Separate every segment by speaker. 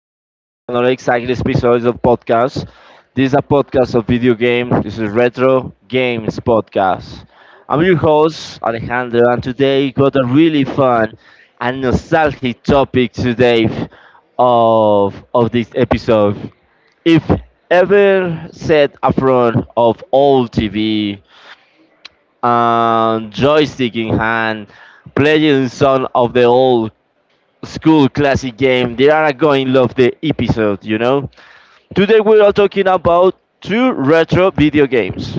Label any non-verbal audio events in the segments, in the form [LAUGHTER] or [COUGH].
Speaker 1: back to another exciting episode of podcast. This is a podcast of video games. This is Retro Games Podcast. I'm your host, Alejandro, and today got a really fun and nostalgic topic today of this episode. If ever set a front of old TV, and joystick in hand, playing some of the old school classic game. They are going love the episode. Today we are talking about two retro video games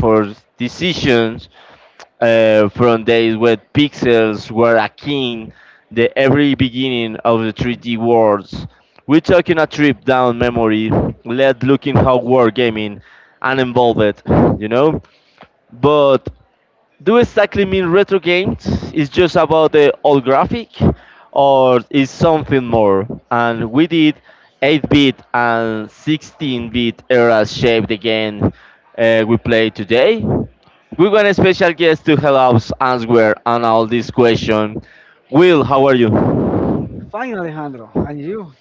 Speaker 1: for decisions from days when pixels were a king, the every beginning of the 3D worlds. We're taking a trip down memory, let looking how war gaming and involved, you know. But do exactly mean retro games? Is just about the old graphic, or is something more? And we did 8-bit and 16-bit eras shape the game we play today. We want a special guest to help us answer and all these questions. Will, how are you?
Speaker 2: Fine, Alejandro. And you?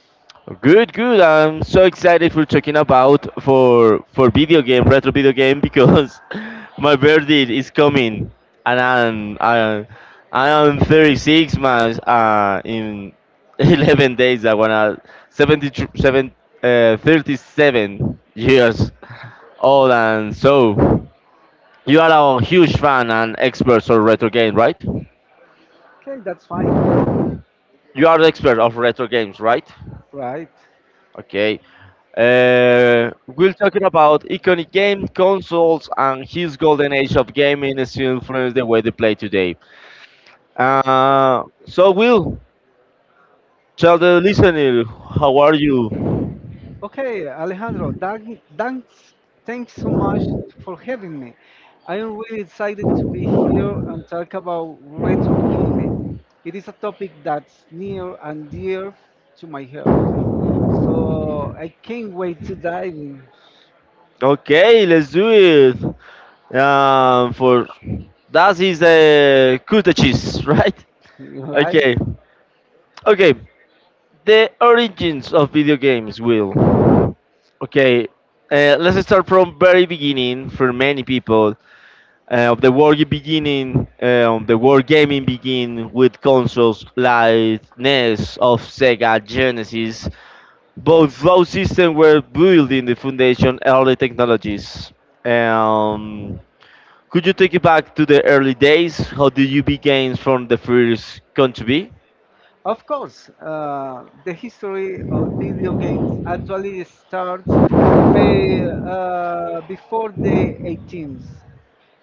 Speaker 1: Good, good. I'm so excited for talking about for video game, retro video game, because [LAUGHS] my birthday is coming, and I am 36 months. In [LAUGHS] 11 days, I wanna 77, 37 years old, and so you are a huge fan and expert of retro game, right?
Speaker 2: Okay, that's fine.
Speaker 1: You are the expert of retro games, right?
Speaker 2: Right.
Speaker 1: Okay. We're talking about iconic game consoles and his golden age of gaming is still influence the way they play today. So, Will, tell the listener, how are you?
Speaker 2: Okay, Alejandro, thanks so much for having me. I am really excited to be here and talk about retro gaming. It is a topic that's near and dear to my heart. So I can't wait to dive in.
Speaker 1: Okay, let's do it. For that is a coup cheese, [LAUGHS] right?
Speaker 2: [LAUGHS] Right?
Speaker 1: Okay, okay. The origins of video games, Will. Okay, let's start from very beginning for many people. Of the world beginning, the world gaming begin with consoles like NES of Sega Genesis. Both those systems were building the foundation early technologies. Um, could you take it back to the early days? How did you begin from the first country?
Speaker 2: Of course, the history of video games actually starts way before the 18th.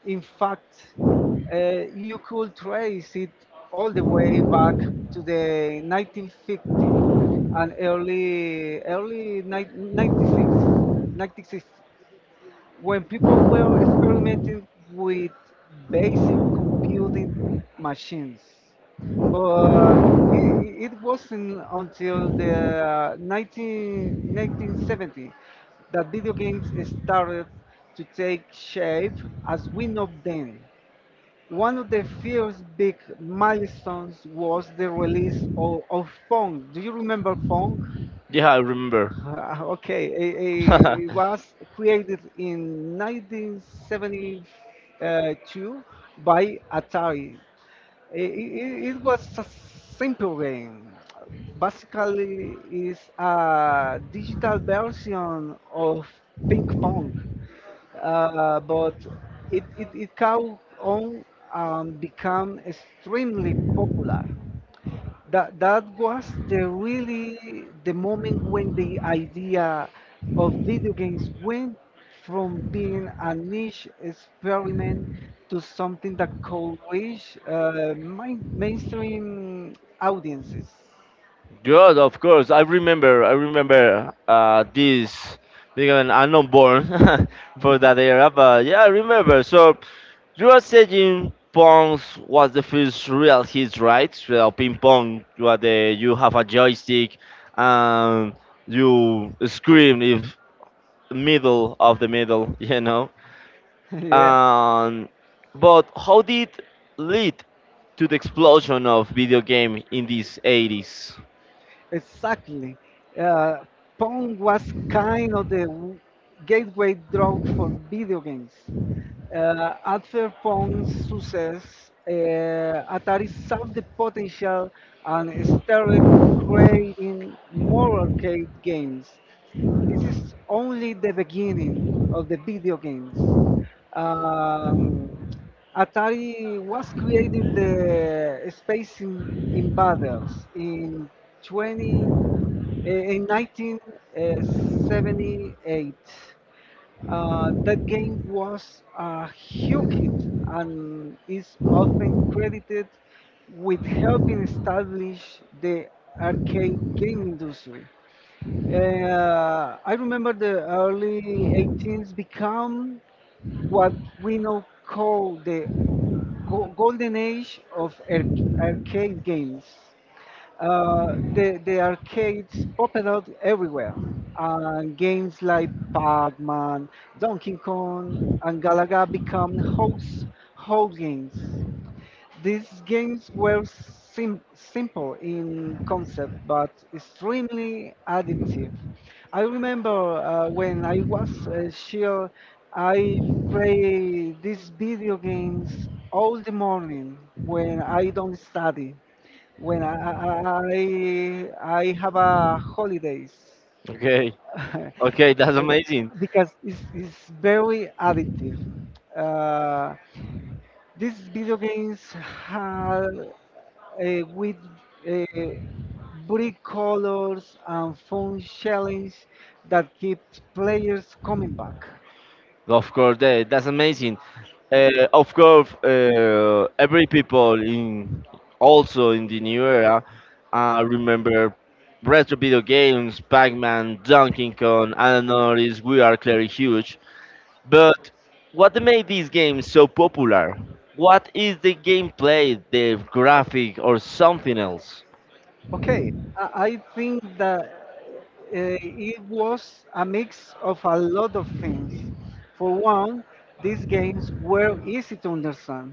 Speaker 2: In fact, uh, you could trace it all the way back to the 1950s and early 1960s when people were experimenting with basic computing machines. But it wasn't until the uh, 19, 1970 video games started to take shape as we know them. One of the first big milestones was the release of Pong. Do you remember Pong?
Speaker 1: Yeah, I remember.
Speaker 2: Okay, it was created in 1972
Speaker 1: [LAUGHS]
Speaker 2: by Atari. It was a simple game. Basically, it's a digital version of ping pong, but it caught on and became extremely popular. That was the really the moment when the idea of video games went from being a niche experiment to something that could reach mainstream audiences.
Speaker 1: Good, of course. I remember. I remember this because I'm not born [LAUGHS] for that era, but yeah, I remember. So, you are saying Pong's was the first real hit, right? Real ping pong. You are the you have a joystick, and you scream if middle of the middle, [LAUGHS] you know.
Speaker 2: [LAUGHS] Yeah.
Speaker 1: Um, but how did lead to the explosion of video game in these 80s?
Speaker 2: Exactly. Uh, Pong was kind of the gateway drug for video games. After Pong's success, Atari saw the potential and started creating more arcade games. This is only the beginning of the video games. Um, Atari was created the Invaders in 20 eh, in 1978. That game was a huge hit and is often credited with helping establish the arcade game industry. I remember the early 18s become what we now call the golden age of arcade games. The arcades popped out everywhere, and games like Pac-Man, Donkey Kong, and Galaga become house games. These games were simple in concept but extremely addictive. I remember when I was a child, I play these video games all the morning when I don't study, when I have a holidays,
Speaker 1: Okay.
Speaker 2: [LAUGHS]
Speaker 1: Okay, that's amazing.
Speaker 2: because it's very addictive. Uh, these video games have with uh, bright colors and fun challenges that keeps players coming back.
Speaker 1: Of course, that's amazing. Of course, every people in also in the new era remember retro video games, Pac-Man, Donkey Kong, and another is We Are Clearly Huge. But what made these games so popular? What is the gameplay, the graphic, or something else?
Speaker 2: Okay, I I think that uh, it was a mix of a lot of things. For one, these games were easy to understand.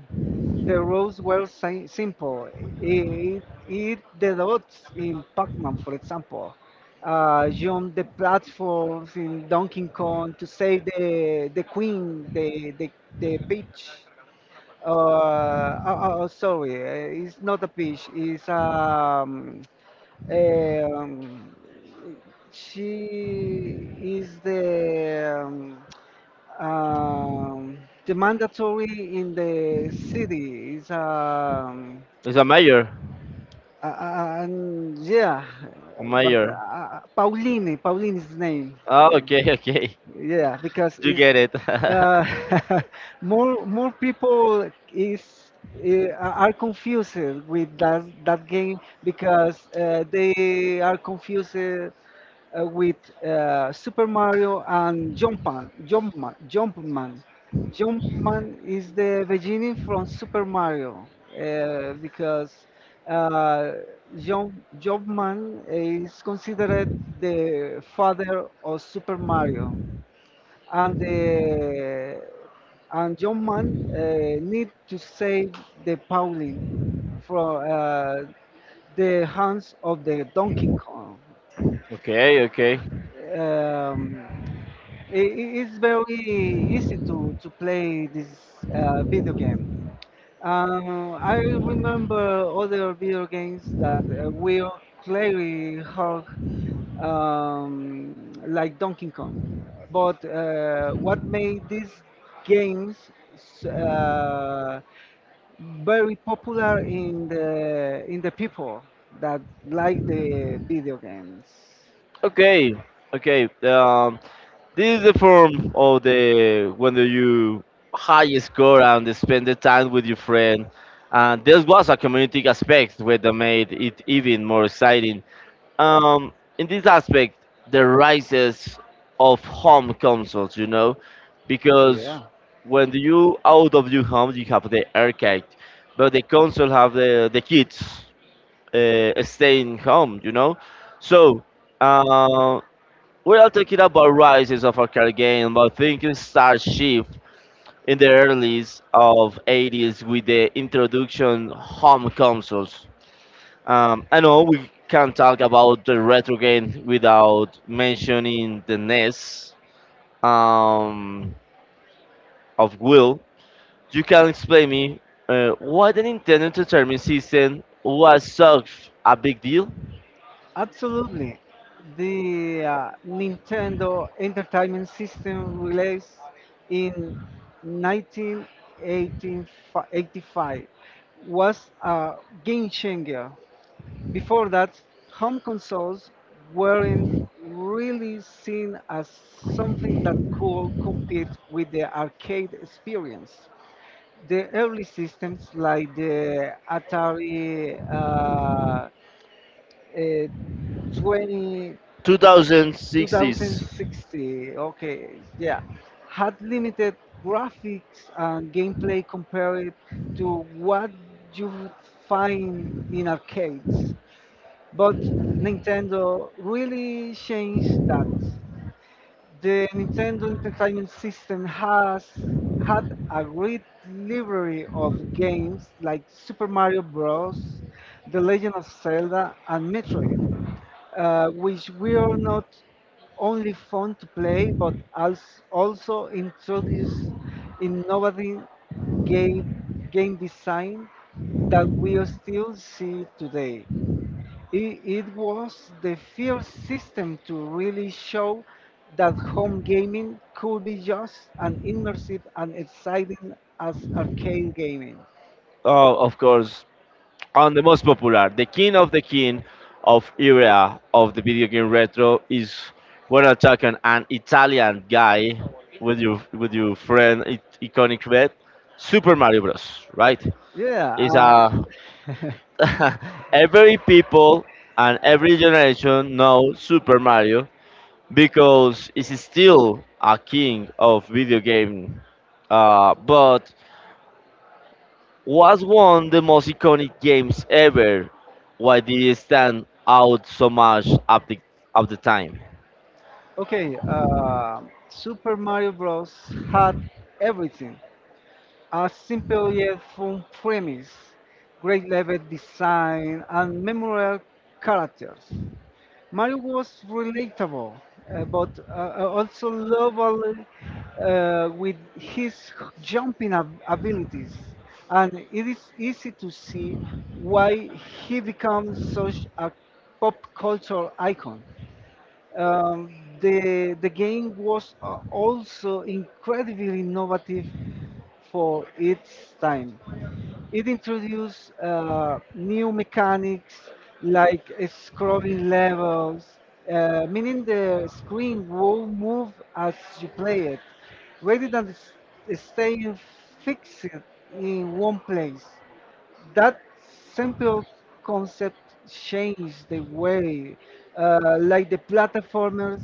Speaker 2: The rules were simple. It the dots in Pac-Man, for example. Jump the platforms in Donkey Kong to save the queen, the peach. Oh, sorry, it's not a peach. It's um she is um, the mandatory in the city is.
Speaker 1: It's a mayor.
Speaker 2: And yeah,
Speaker 1: A
Speaker 2: but
Speaker 1: mayor.
Speaker 2: Pauline is the name.
Speaker 1: Oh, okay, okay.
Speaker 2: Yeah, because
Speaker 1: You
Speaker 2: it's
Speaker 1: get it. [LAUGHS]
Speaker 2: uh, [LAUGHS] more people is are confused with that game because they are confused with Super Mario and Jumpman. Jumpman is the beginning from Super Mario because uh, Jump, Jumpman is considered the father of Super Mario, and the and Jumpman need to save the Pauline from the hands of the Donkey Kong.
Speaker 1: Okay, okay,
Speaker 2: Um, it's very easy to play this video game. I remember other video games that were very hard, like Donkey Kong. But what made these games very popular in the people that like the video games?
Speaker 1: okay, okay. This is the form of the when you high score and spend the time with your friend. And this was a community aspect where they made it even more exciting. Um, in this aspect, the rises of home consoles, because
Speaker 2: Yeah.
Speaker 1: when you out of your home, you have the arcade, but the console have the kids staying home. So uh, we are talking about rises of arcade game, about thinking star shift in the earlys of 80s with the introduction home consoles. I know we can't talk about the retro game without mentioning the NES um, of Will. You can explain me why the Nintendo Entertainment System was such a big deal?
Speaker 2: Absolutely. The Nintendo Entertainment System released in 1985 was a game changer. Before that, home consoles weren't really seen as something that could compete with the arcade experience. The early systems like the Atari uh, uh, 20
Speaker 1: 2060s.
Speaker 2: 2060. Okay, yeah. Had limited graphics and gameplay compared to what you would find in arcades. But Nintendo really changed that. The Nintendo Entertainment System has had a great library of games like Super Mario Bros., The Legend of Zelda, and Metroid, which were not only fun to play but also introduced innovative game, game design that we still see today. It was the first system to really show that home gaming could be just as immersive and exciting as arcade gaming.
Speaker 1: Oh, of course, on the most popular, the king of era of the video game retro is when attacking an Italian guy with your friend iconic red, Super Mario Bros. Right?
Speaker 2: Yeah,
Speaker 1: It's
Speaker 2: uh,
Speaker 1: a
Speaker 2: [LAUGHS]
Speaker 1: [LAUGHS] every people and every generation know Super Mario because it's still a king of video game. But was one the most iconic games ever? Why did it stand out so much at the time?
Speaker 2: Okay, Super Mario Bros. Had everything. A simple yet fun premise, great level design, and memorable characters. Mario was relatable, but also lovable with his jumping abilities, and it is easy to see why he becomes such a pop culture icon. Um, the game was also incredibly innovative for its time. It introduced new mechanics like scrolling levels, meaning the screen will move as you play it, rather than staying fixed in one place. That simple concept changed the way, like the platformers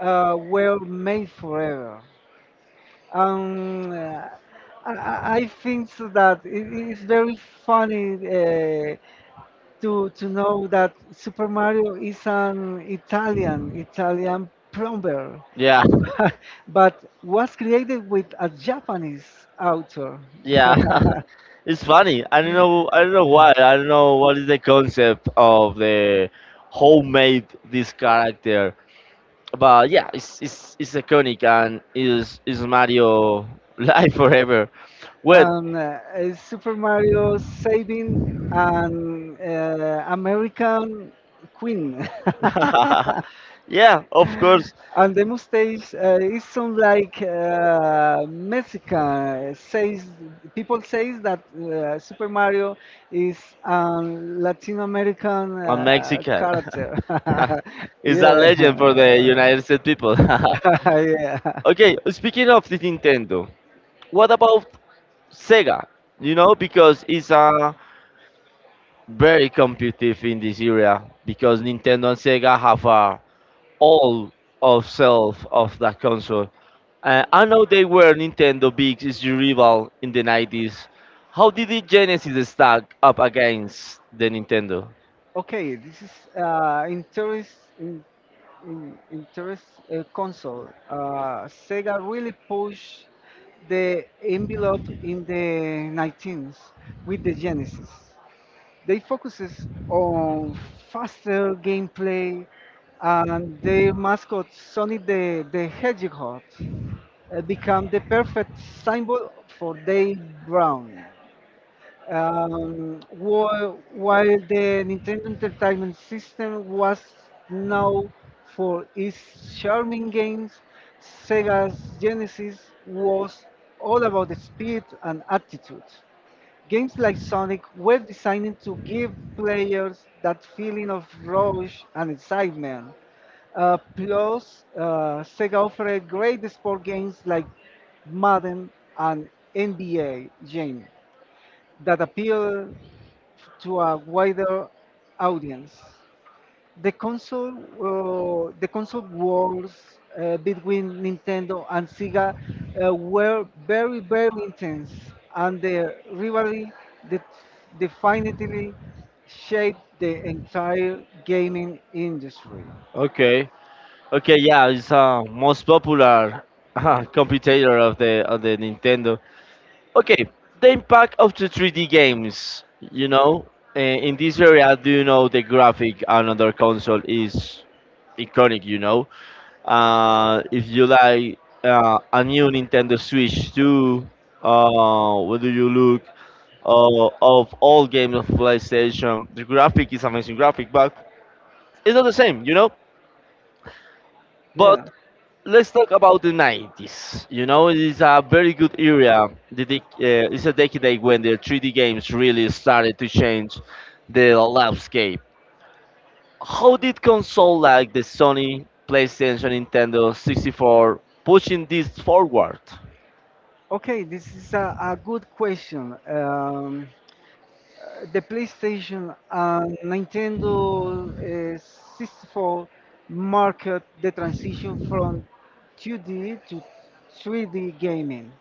Speaker 2: were made forever. Um, uh, I think so that it's very funny to know that Super Mario is an Italian plumber,
Speaker 1: Yeah,
Speaker 2: [LAUGHS] but was created with a Japanese author.
Speaker 1: yeah. [LAUGHS] It's funny. I don't know. I don't know why. I don't know what is the concept of the homemade this character. But yeah, it's iconic and is Mario [LAUGHS] live forever. Wait,
Speaker 2: And it's Super Mario saving an
Speaker 1: [LAUGHS]
Speaker 2: American queen. [LAUGHS]
Speaker 1: yeah, of course.
Speaker 2: And the mustache is some like Mexican. Says people says that Super Mario is a Latin American
Speaker 1: I'm Mexican.
Speaker 2: character.
Speaker 1: [LAUGHS]
Speaker 2: [LAUGHS]
Speaker 1: It's a
Speaker 2: Yeah.
Speaker 1: legend for the United States people. [LAUGHS]
Speaker 2: [LAUGHS] Yeah.
Speaker 1: Okay, speaking of the Nintendo, what about Sega? You know, because it's very competitive in this area because Nintendo and Sega have a all of self of that console. I know they were Nintendo big is your rival in the 90s. How did the Genesis stack up against the Nintendo?
Speaker 2: Okay, this is interest in, interest console. Sega really pushed the envelope in the 19s with the Genesis. They focuses on faster gameplay, and their mascot Sonic the Hedgehog become the perfect symbol for their brand. While the Nintendo Entertainment System was known for its charming games, Sega's Genesis was all about the speed and attitude. Games like Sonic were designed to give players that feeling of rush and excitement. Plus, Sega offered great sport games like Madden and NBA Jam that appeal to a wider audience. The console wars between Nintendo and Sega were very, very intense, and the rivalry that definitely shaped the entire gaming industry.
Speaker 1: Okay, okay, yeah, it's most popular [LAUGHS] computer of the Nintendo. Okay, the impact of the 3D games. You know, in this area, do you know the graphic on another console is iconic? You know, if you like a new Nintendo Switch 2, what do you look of all games of PlayStation? The graphic is amazing graphic, but it's not the same.
Speaker 2: Yeah.
Speaker 1: But let's talk about the 90s. You know, it's a very good era. It's a decade when the 3D games really started to change the landscape. How did console like the Sony, PlayStation, Nintendo 64 pushing this forward?
Speaker 2: Okay, this is a good question. The PlayStation and Nintendo uh, 64 marked the transition from 2D to 3D gaming.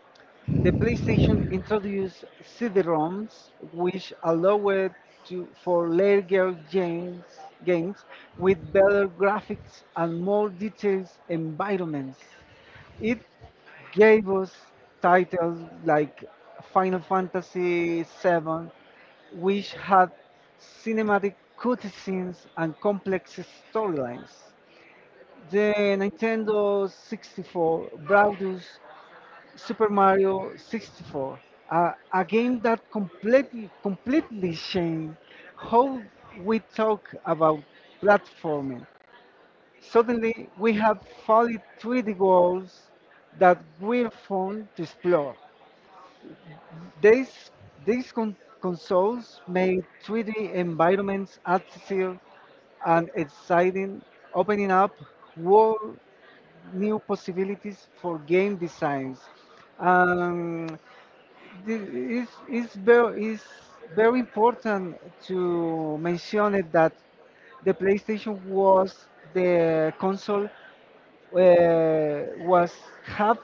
Speaker 2: The PlayStation introduced CD-ROMs, which allowed for larger games with better graphics and more detailed environments. It gave us titles like Final Fantasy VII, which had cinematic cutscenes and complex storylines. The Nintendo 64 brought us Super Mario 64, a game that completely changed how we talk about platforming. Suddenly, we had 43 goals that we found to explore. These, these consoles made 3D environments accessible and exciting, opening up whole new possibilities for game designs. Um, thi- it's very important to mention it that the PlayStation was the console, was have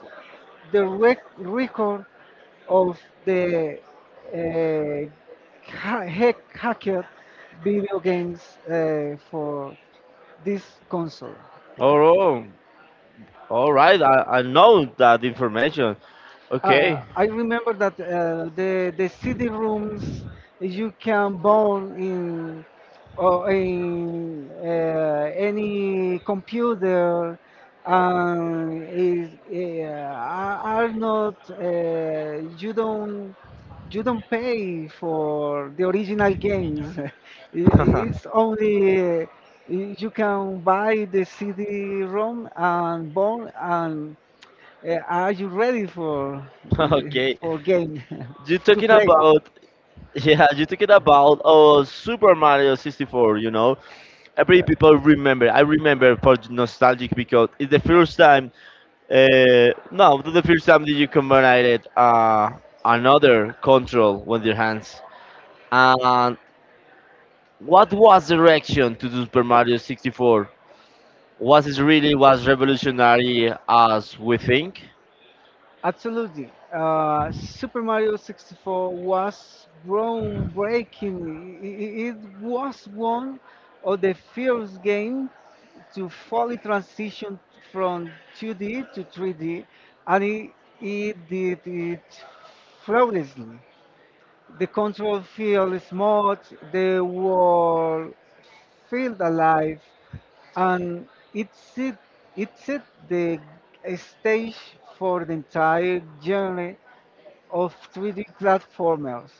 Speaker 2: the record of the hacked video games for this console.
Speaker 1: Oh, all right. I know that information. Okay.
Speaker 2: I
Speaker 1: [LAUGHS]
Speaker 2: remember that the CD rooms you can burn in or in any computer, and is, are not, you don't pay for the original games. [LAUGHS] It's only you can buy the CD-ROM and burn, and are you ready for
Speaker 1: Okay,
Speaker 2: game
Speaker 1: you
Speaker 2: [LAUGHS] to
Speaker 1: talking
Speaker 2: play?
Speaker 1: about yeah, you talking about oh Super Mario 64, you know. Every
Speaker 2: Yeah.
Speaker 1: people remember. I remember for nostalgic because it's the first time. No, to the first time that you combined it, another control with your hands. And what was the reaction to the Super Mario 64? Was it really was revolutionary as we think?
Speaker 2: Absolutely. Super Mario 64 was groundbreaking. It was one of the first games to fully transition from 2D to 3D, and it did it flawlessly. The control field smooth, the world felt alive, and it set the stage for the entire genre of 3D platformers.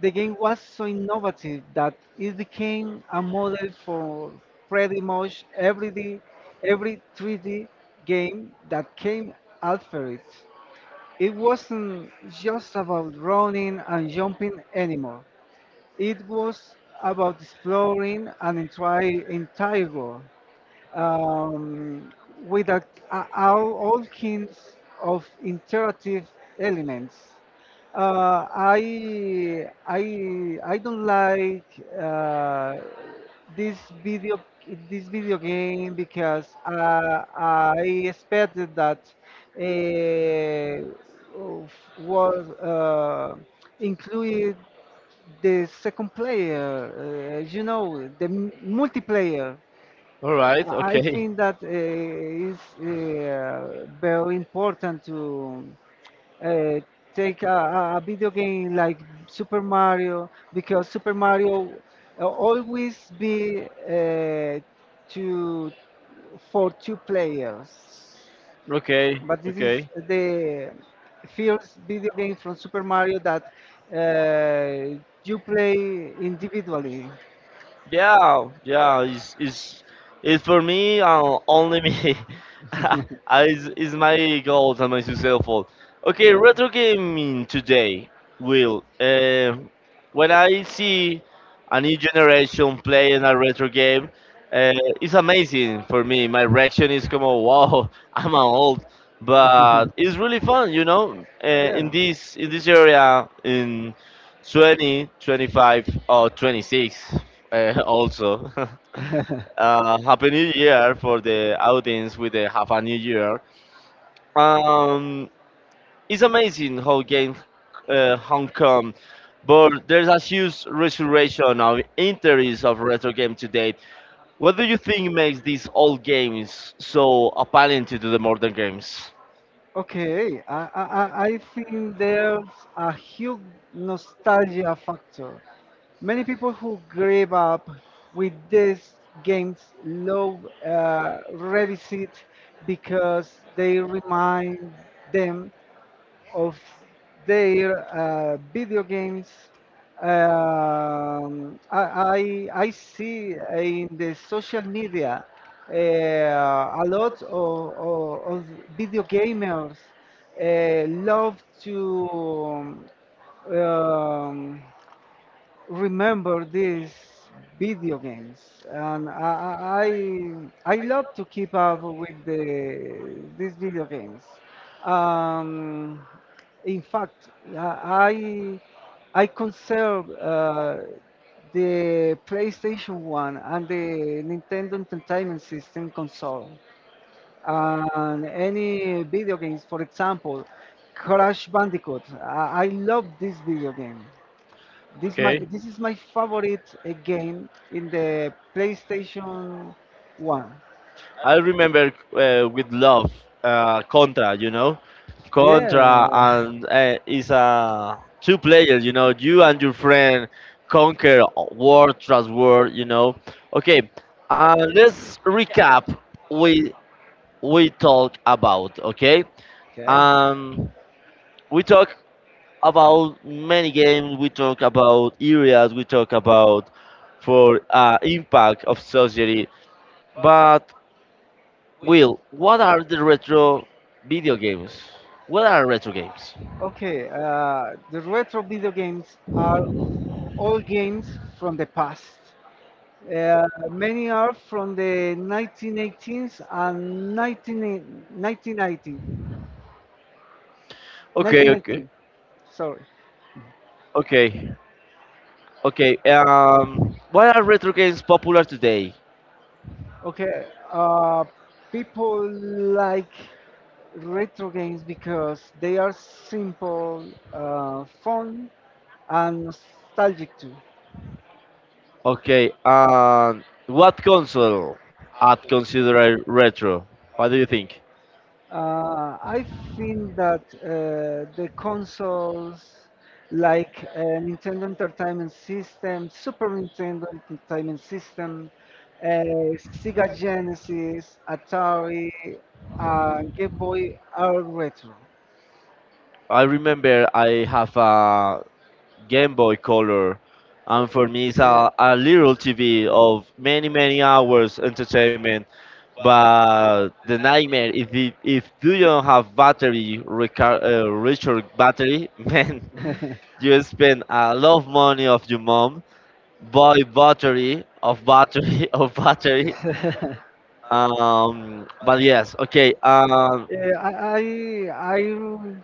Speaker 2: The game was so innovative that it became a model for pretty much every 3D game that came after it. It wasn't just about running and jumping anymore. It was about exploring an entire world um, with all kinds of interactive elements. I don't like uh, this video this video game because I expected that uh, was included the second player, the multiplayer.
Speaker 1: All right,
Speaker 2: I
Speaker 1: okay,
Speaker 2: think that is very important to uh, take a video game like Super Mario because Super Mario always be to for two players,
Speaker 1: okay,
Speaker 2: but this is
Speaker 1: okay.
Speaker 2: the first video game from Super Mario that uh, you play individually.
Speaker 1: Yeah, yeah, it's for me, only me.
Speaker 2: [LAUGHS]
Speaker 1: [LAUGHS]
Speaker 2: Yeah.
Speaker 1: It's my goals and my successful. Okay, retro gaming today, Will. When I see a new generation playing a retro game, uh, it's amazing for me. My reaction is como, wow, [LAUGHS] I'm old, but it's really fun. Uh,
Speaker 2: [LAUGHS]
Speaker 1: in
Speaker 2: Yeah.
Speaker 1: this in this area, in 2025 or 26. [LAUGHS] Also, [LAUGHS] Happy New Year for the audience with the Happy New Year. Um, it's amazing how games Hong but there's a huge restoration of interest of retro games today. What do you think makes these old games so appealing to the modern games?
Speaker 2: Okay, I think there's a huge nostalgia factor. Many people who grew up with these games love revisit because they remind them of their video games. I see in the social media a lot of video gamers love to um, um, remember these video games, and I love to keep up with these video games. Um, in fact, I conserve the PlayStation 1 and the Nintendo Entertainment System console and any video games, for example, Crash Bandicoot. I love this video game. This is my favorite game in the PlayStation One.
Speaker 1: I remember with love Contra,
Speaker 2: Yeah.
Speaker 1: Contra, and it's a two player, you and your friend conquer world trust world. Okay, let's recap. We we talk about okay. Um, we talk about many games. We talk about areas. We talk about for impact of society, but Will, what are the retro video games? What are retro games?
Speaker 2: Okay. The retro video games are all games from the past. Uh, Many are from the 1918s and 191990. 1919.
Speaker 1: Okay, okay,
Speaker 2: 1919. Sorry.
Speaker 1: okay, okay. What are retro games popular today?
Speaker 2: Okay, uh, people like retro games because they are simple, fun, and nostalgic too.
Speaker 1: Okay, what console I'd consider a retro? What do you think?
Speaker 2: I think that the consoles like Nintendo Entertainment System, Super Nintendo Entertainment System, Sega Genesis, Atari, Game Boy are retro.
Speaker 1: I remember I have a Game Boy Color, and for me it's
Speaker 2: Yeah.
Speaker 1: a little TV of many many hours entertainment. But the nightmare if you don't have battery recharge battery, [LAUGHS] man, you spend a lot of money of your mom buy battery of battery [LAUGHS] of battery. But yes, okay,
Speaker 2: Yeah, I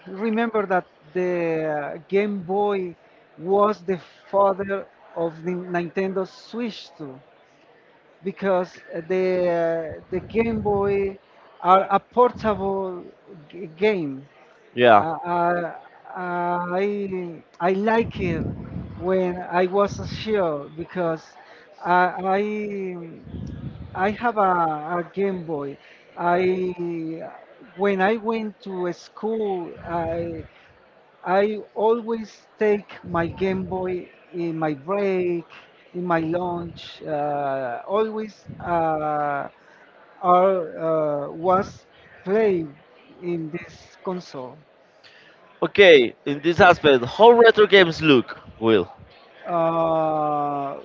Speaker 2: remember that the Game Boy was the father of the Nintendo Switch too, because the Game Boy are a portable game.
Speaker 1: yeah,
Speaker 2: Uh, uh, I like it when I was a child because I, I have a Game Boy. I when I went to school, I always take my Game Boy in my break, in my lunch. Always, was playing in this console.
Speaker 1: okay. In this aspect, how retro games look, Will?
Speaker 2: Uh,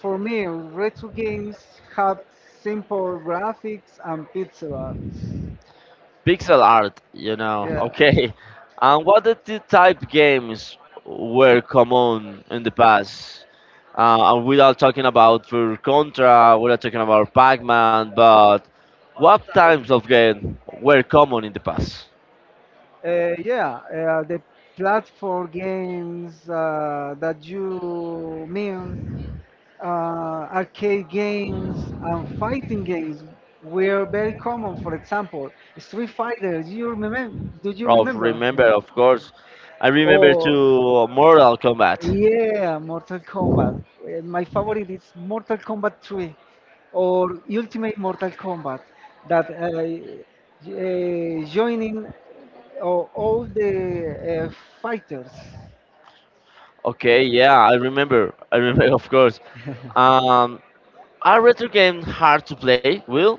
Speaker 2: for me, retro games have simple graphics and pixel art.
Speaker 1: Pixel art. [LAUGHS]
Speaker 2: Yeah. [LAUGHS]
Speaker 1: Okay. And what the type games were common in the past? And without talking about for Contra, we're not talking about Pac-Man, but what types of game were common in the past?
Speaker 2: Yeah, the platform games that you mean, uh, arcade games and fighting games were very common. For example, Street Fighter. Do you remember? Do you
Speaker 1: Of
Speaker 2: remember?
Speaker 1: remember, of course. I remember
Speaker 2: Oh,
Speaker 1: to Mortal Kombat.
Speaker 2: yeah, Mortal Kombat. My favorite is Mortal Kombat 3 or Ultimate Mortal Kombat that joining all the uh, fighters.
Speaker 1: Okay, yeah, I remember. [LAUGHS] I remember, of course. Um, are retro games hard to play, Will?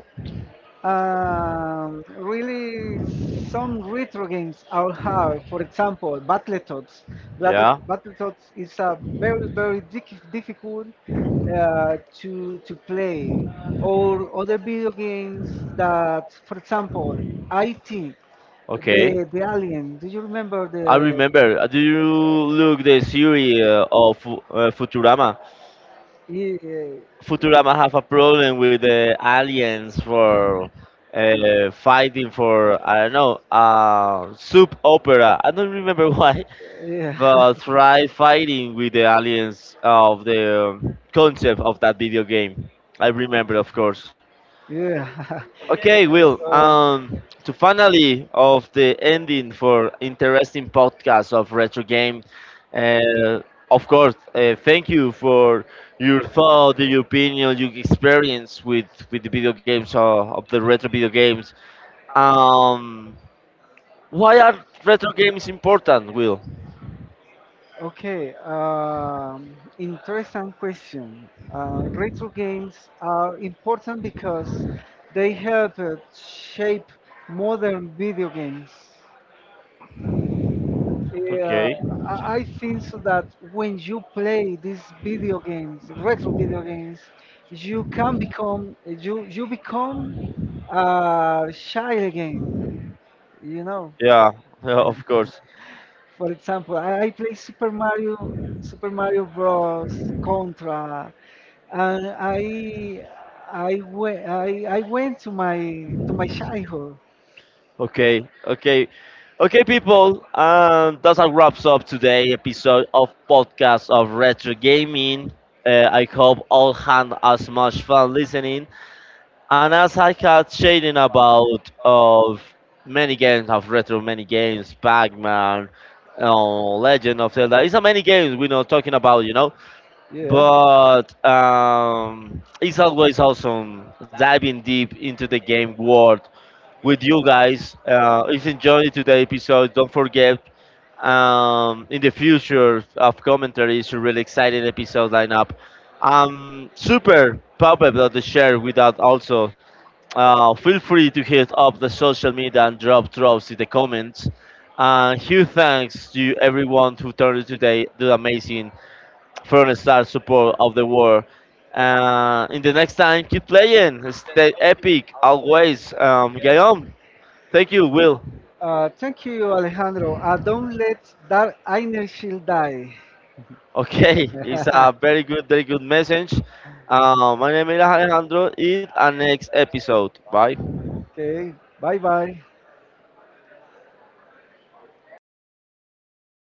Speaker 2: Really, some retro games are hard. For example, Battletoads.
Speaker 1: Yeah.
Speaker 2: Yeah. Battletoads is a very, very difficult to play. Or other video games that, for example, IT. Okay.
Speaker 1: Okay.
Speaker 2: The Alien. Do you remember
Speaker 1: I
Speaker 2: the?
Speaker 1: remember. Do you look the series of Futurama? Futurama have a problem with the aliens for fighting for I don't know soup opera. I don't remember [LAUGHS] why,
Speaker 2: Yeah, yeah,
Speaker 1: but try fighting with the aliens of the concept of that video game. I remember, of course.
Speaker 2: [LAUGHS] yeah.
Speaker 1: Okay,
Speaker 2: [LAUGHS]
Speaker 1: Will.
Speaker 2: So.
Speaker 1: To finally of the ending for interesting podcast of retro game. Uh, of course, thank you for your thought, your opinion, your experience with the video games of the retro video games. Um, why are retro games important, Will?
Speaker 2: Okay, interesting question. Retro games are important because they help shape modern video games. Yeah,
Speaker 1: Okay.
Speaker 2: I think so that when you play these video games, retro video games, you can become shy again.
Speaker 1: Yeah,
Speaker 2: You know,
Speaker 1: [LAUGHS] yeah, of course.
Speaker 2: for example, I play Super Mario, Super Mario Bros. Contra. And I went to my childhood.
Speaker 1: Okay, okay, okay, people. That's how wraps up today episode of podcast of retro gaming. I hope all had as much fun listening, and as I had shading about of many games of retro, many games, Pac-Man, Legend of Zelda. It's a many games we're not talking about.
Speaker 2: Yeah.
Speaker 1: But it's always awesome diving deep into the game world with you guys. If you enjoyed today's episode, don't forget in the future of commentary, it's a really exciting episode lineup. I'm super pumped about the share with that also. Feel free to hit up the social media and drop drops in the comments. And huge thanks to everyone who turned today, do amazing from star support of the world. In the next time, keep playing. Stay epic always. Guillaume, thank you, Will.
Speaker 2: Thank you, Alejandro. Don't let that inner shield die.
Speaker 1: Okay, [LAUGHS] it's
Speaker 2: [LAUGHS]
Speaker 1: a very good, very good message. My name is Alejandro. It a next episode. Bye.
Speaker 2: Okay. Bye bye.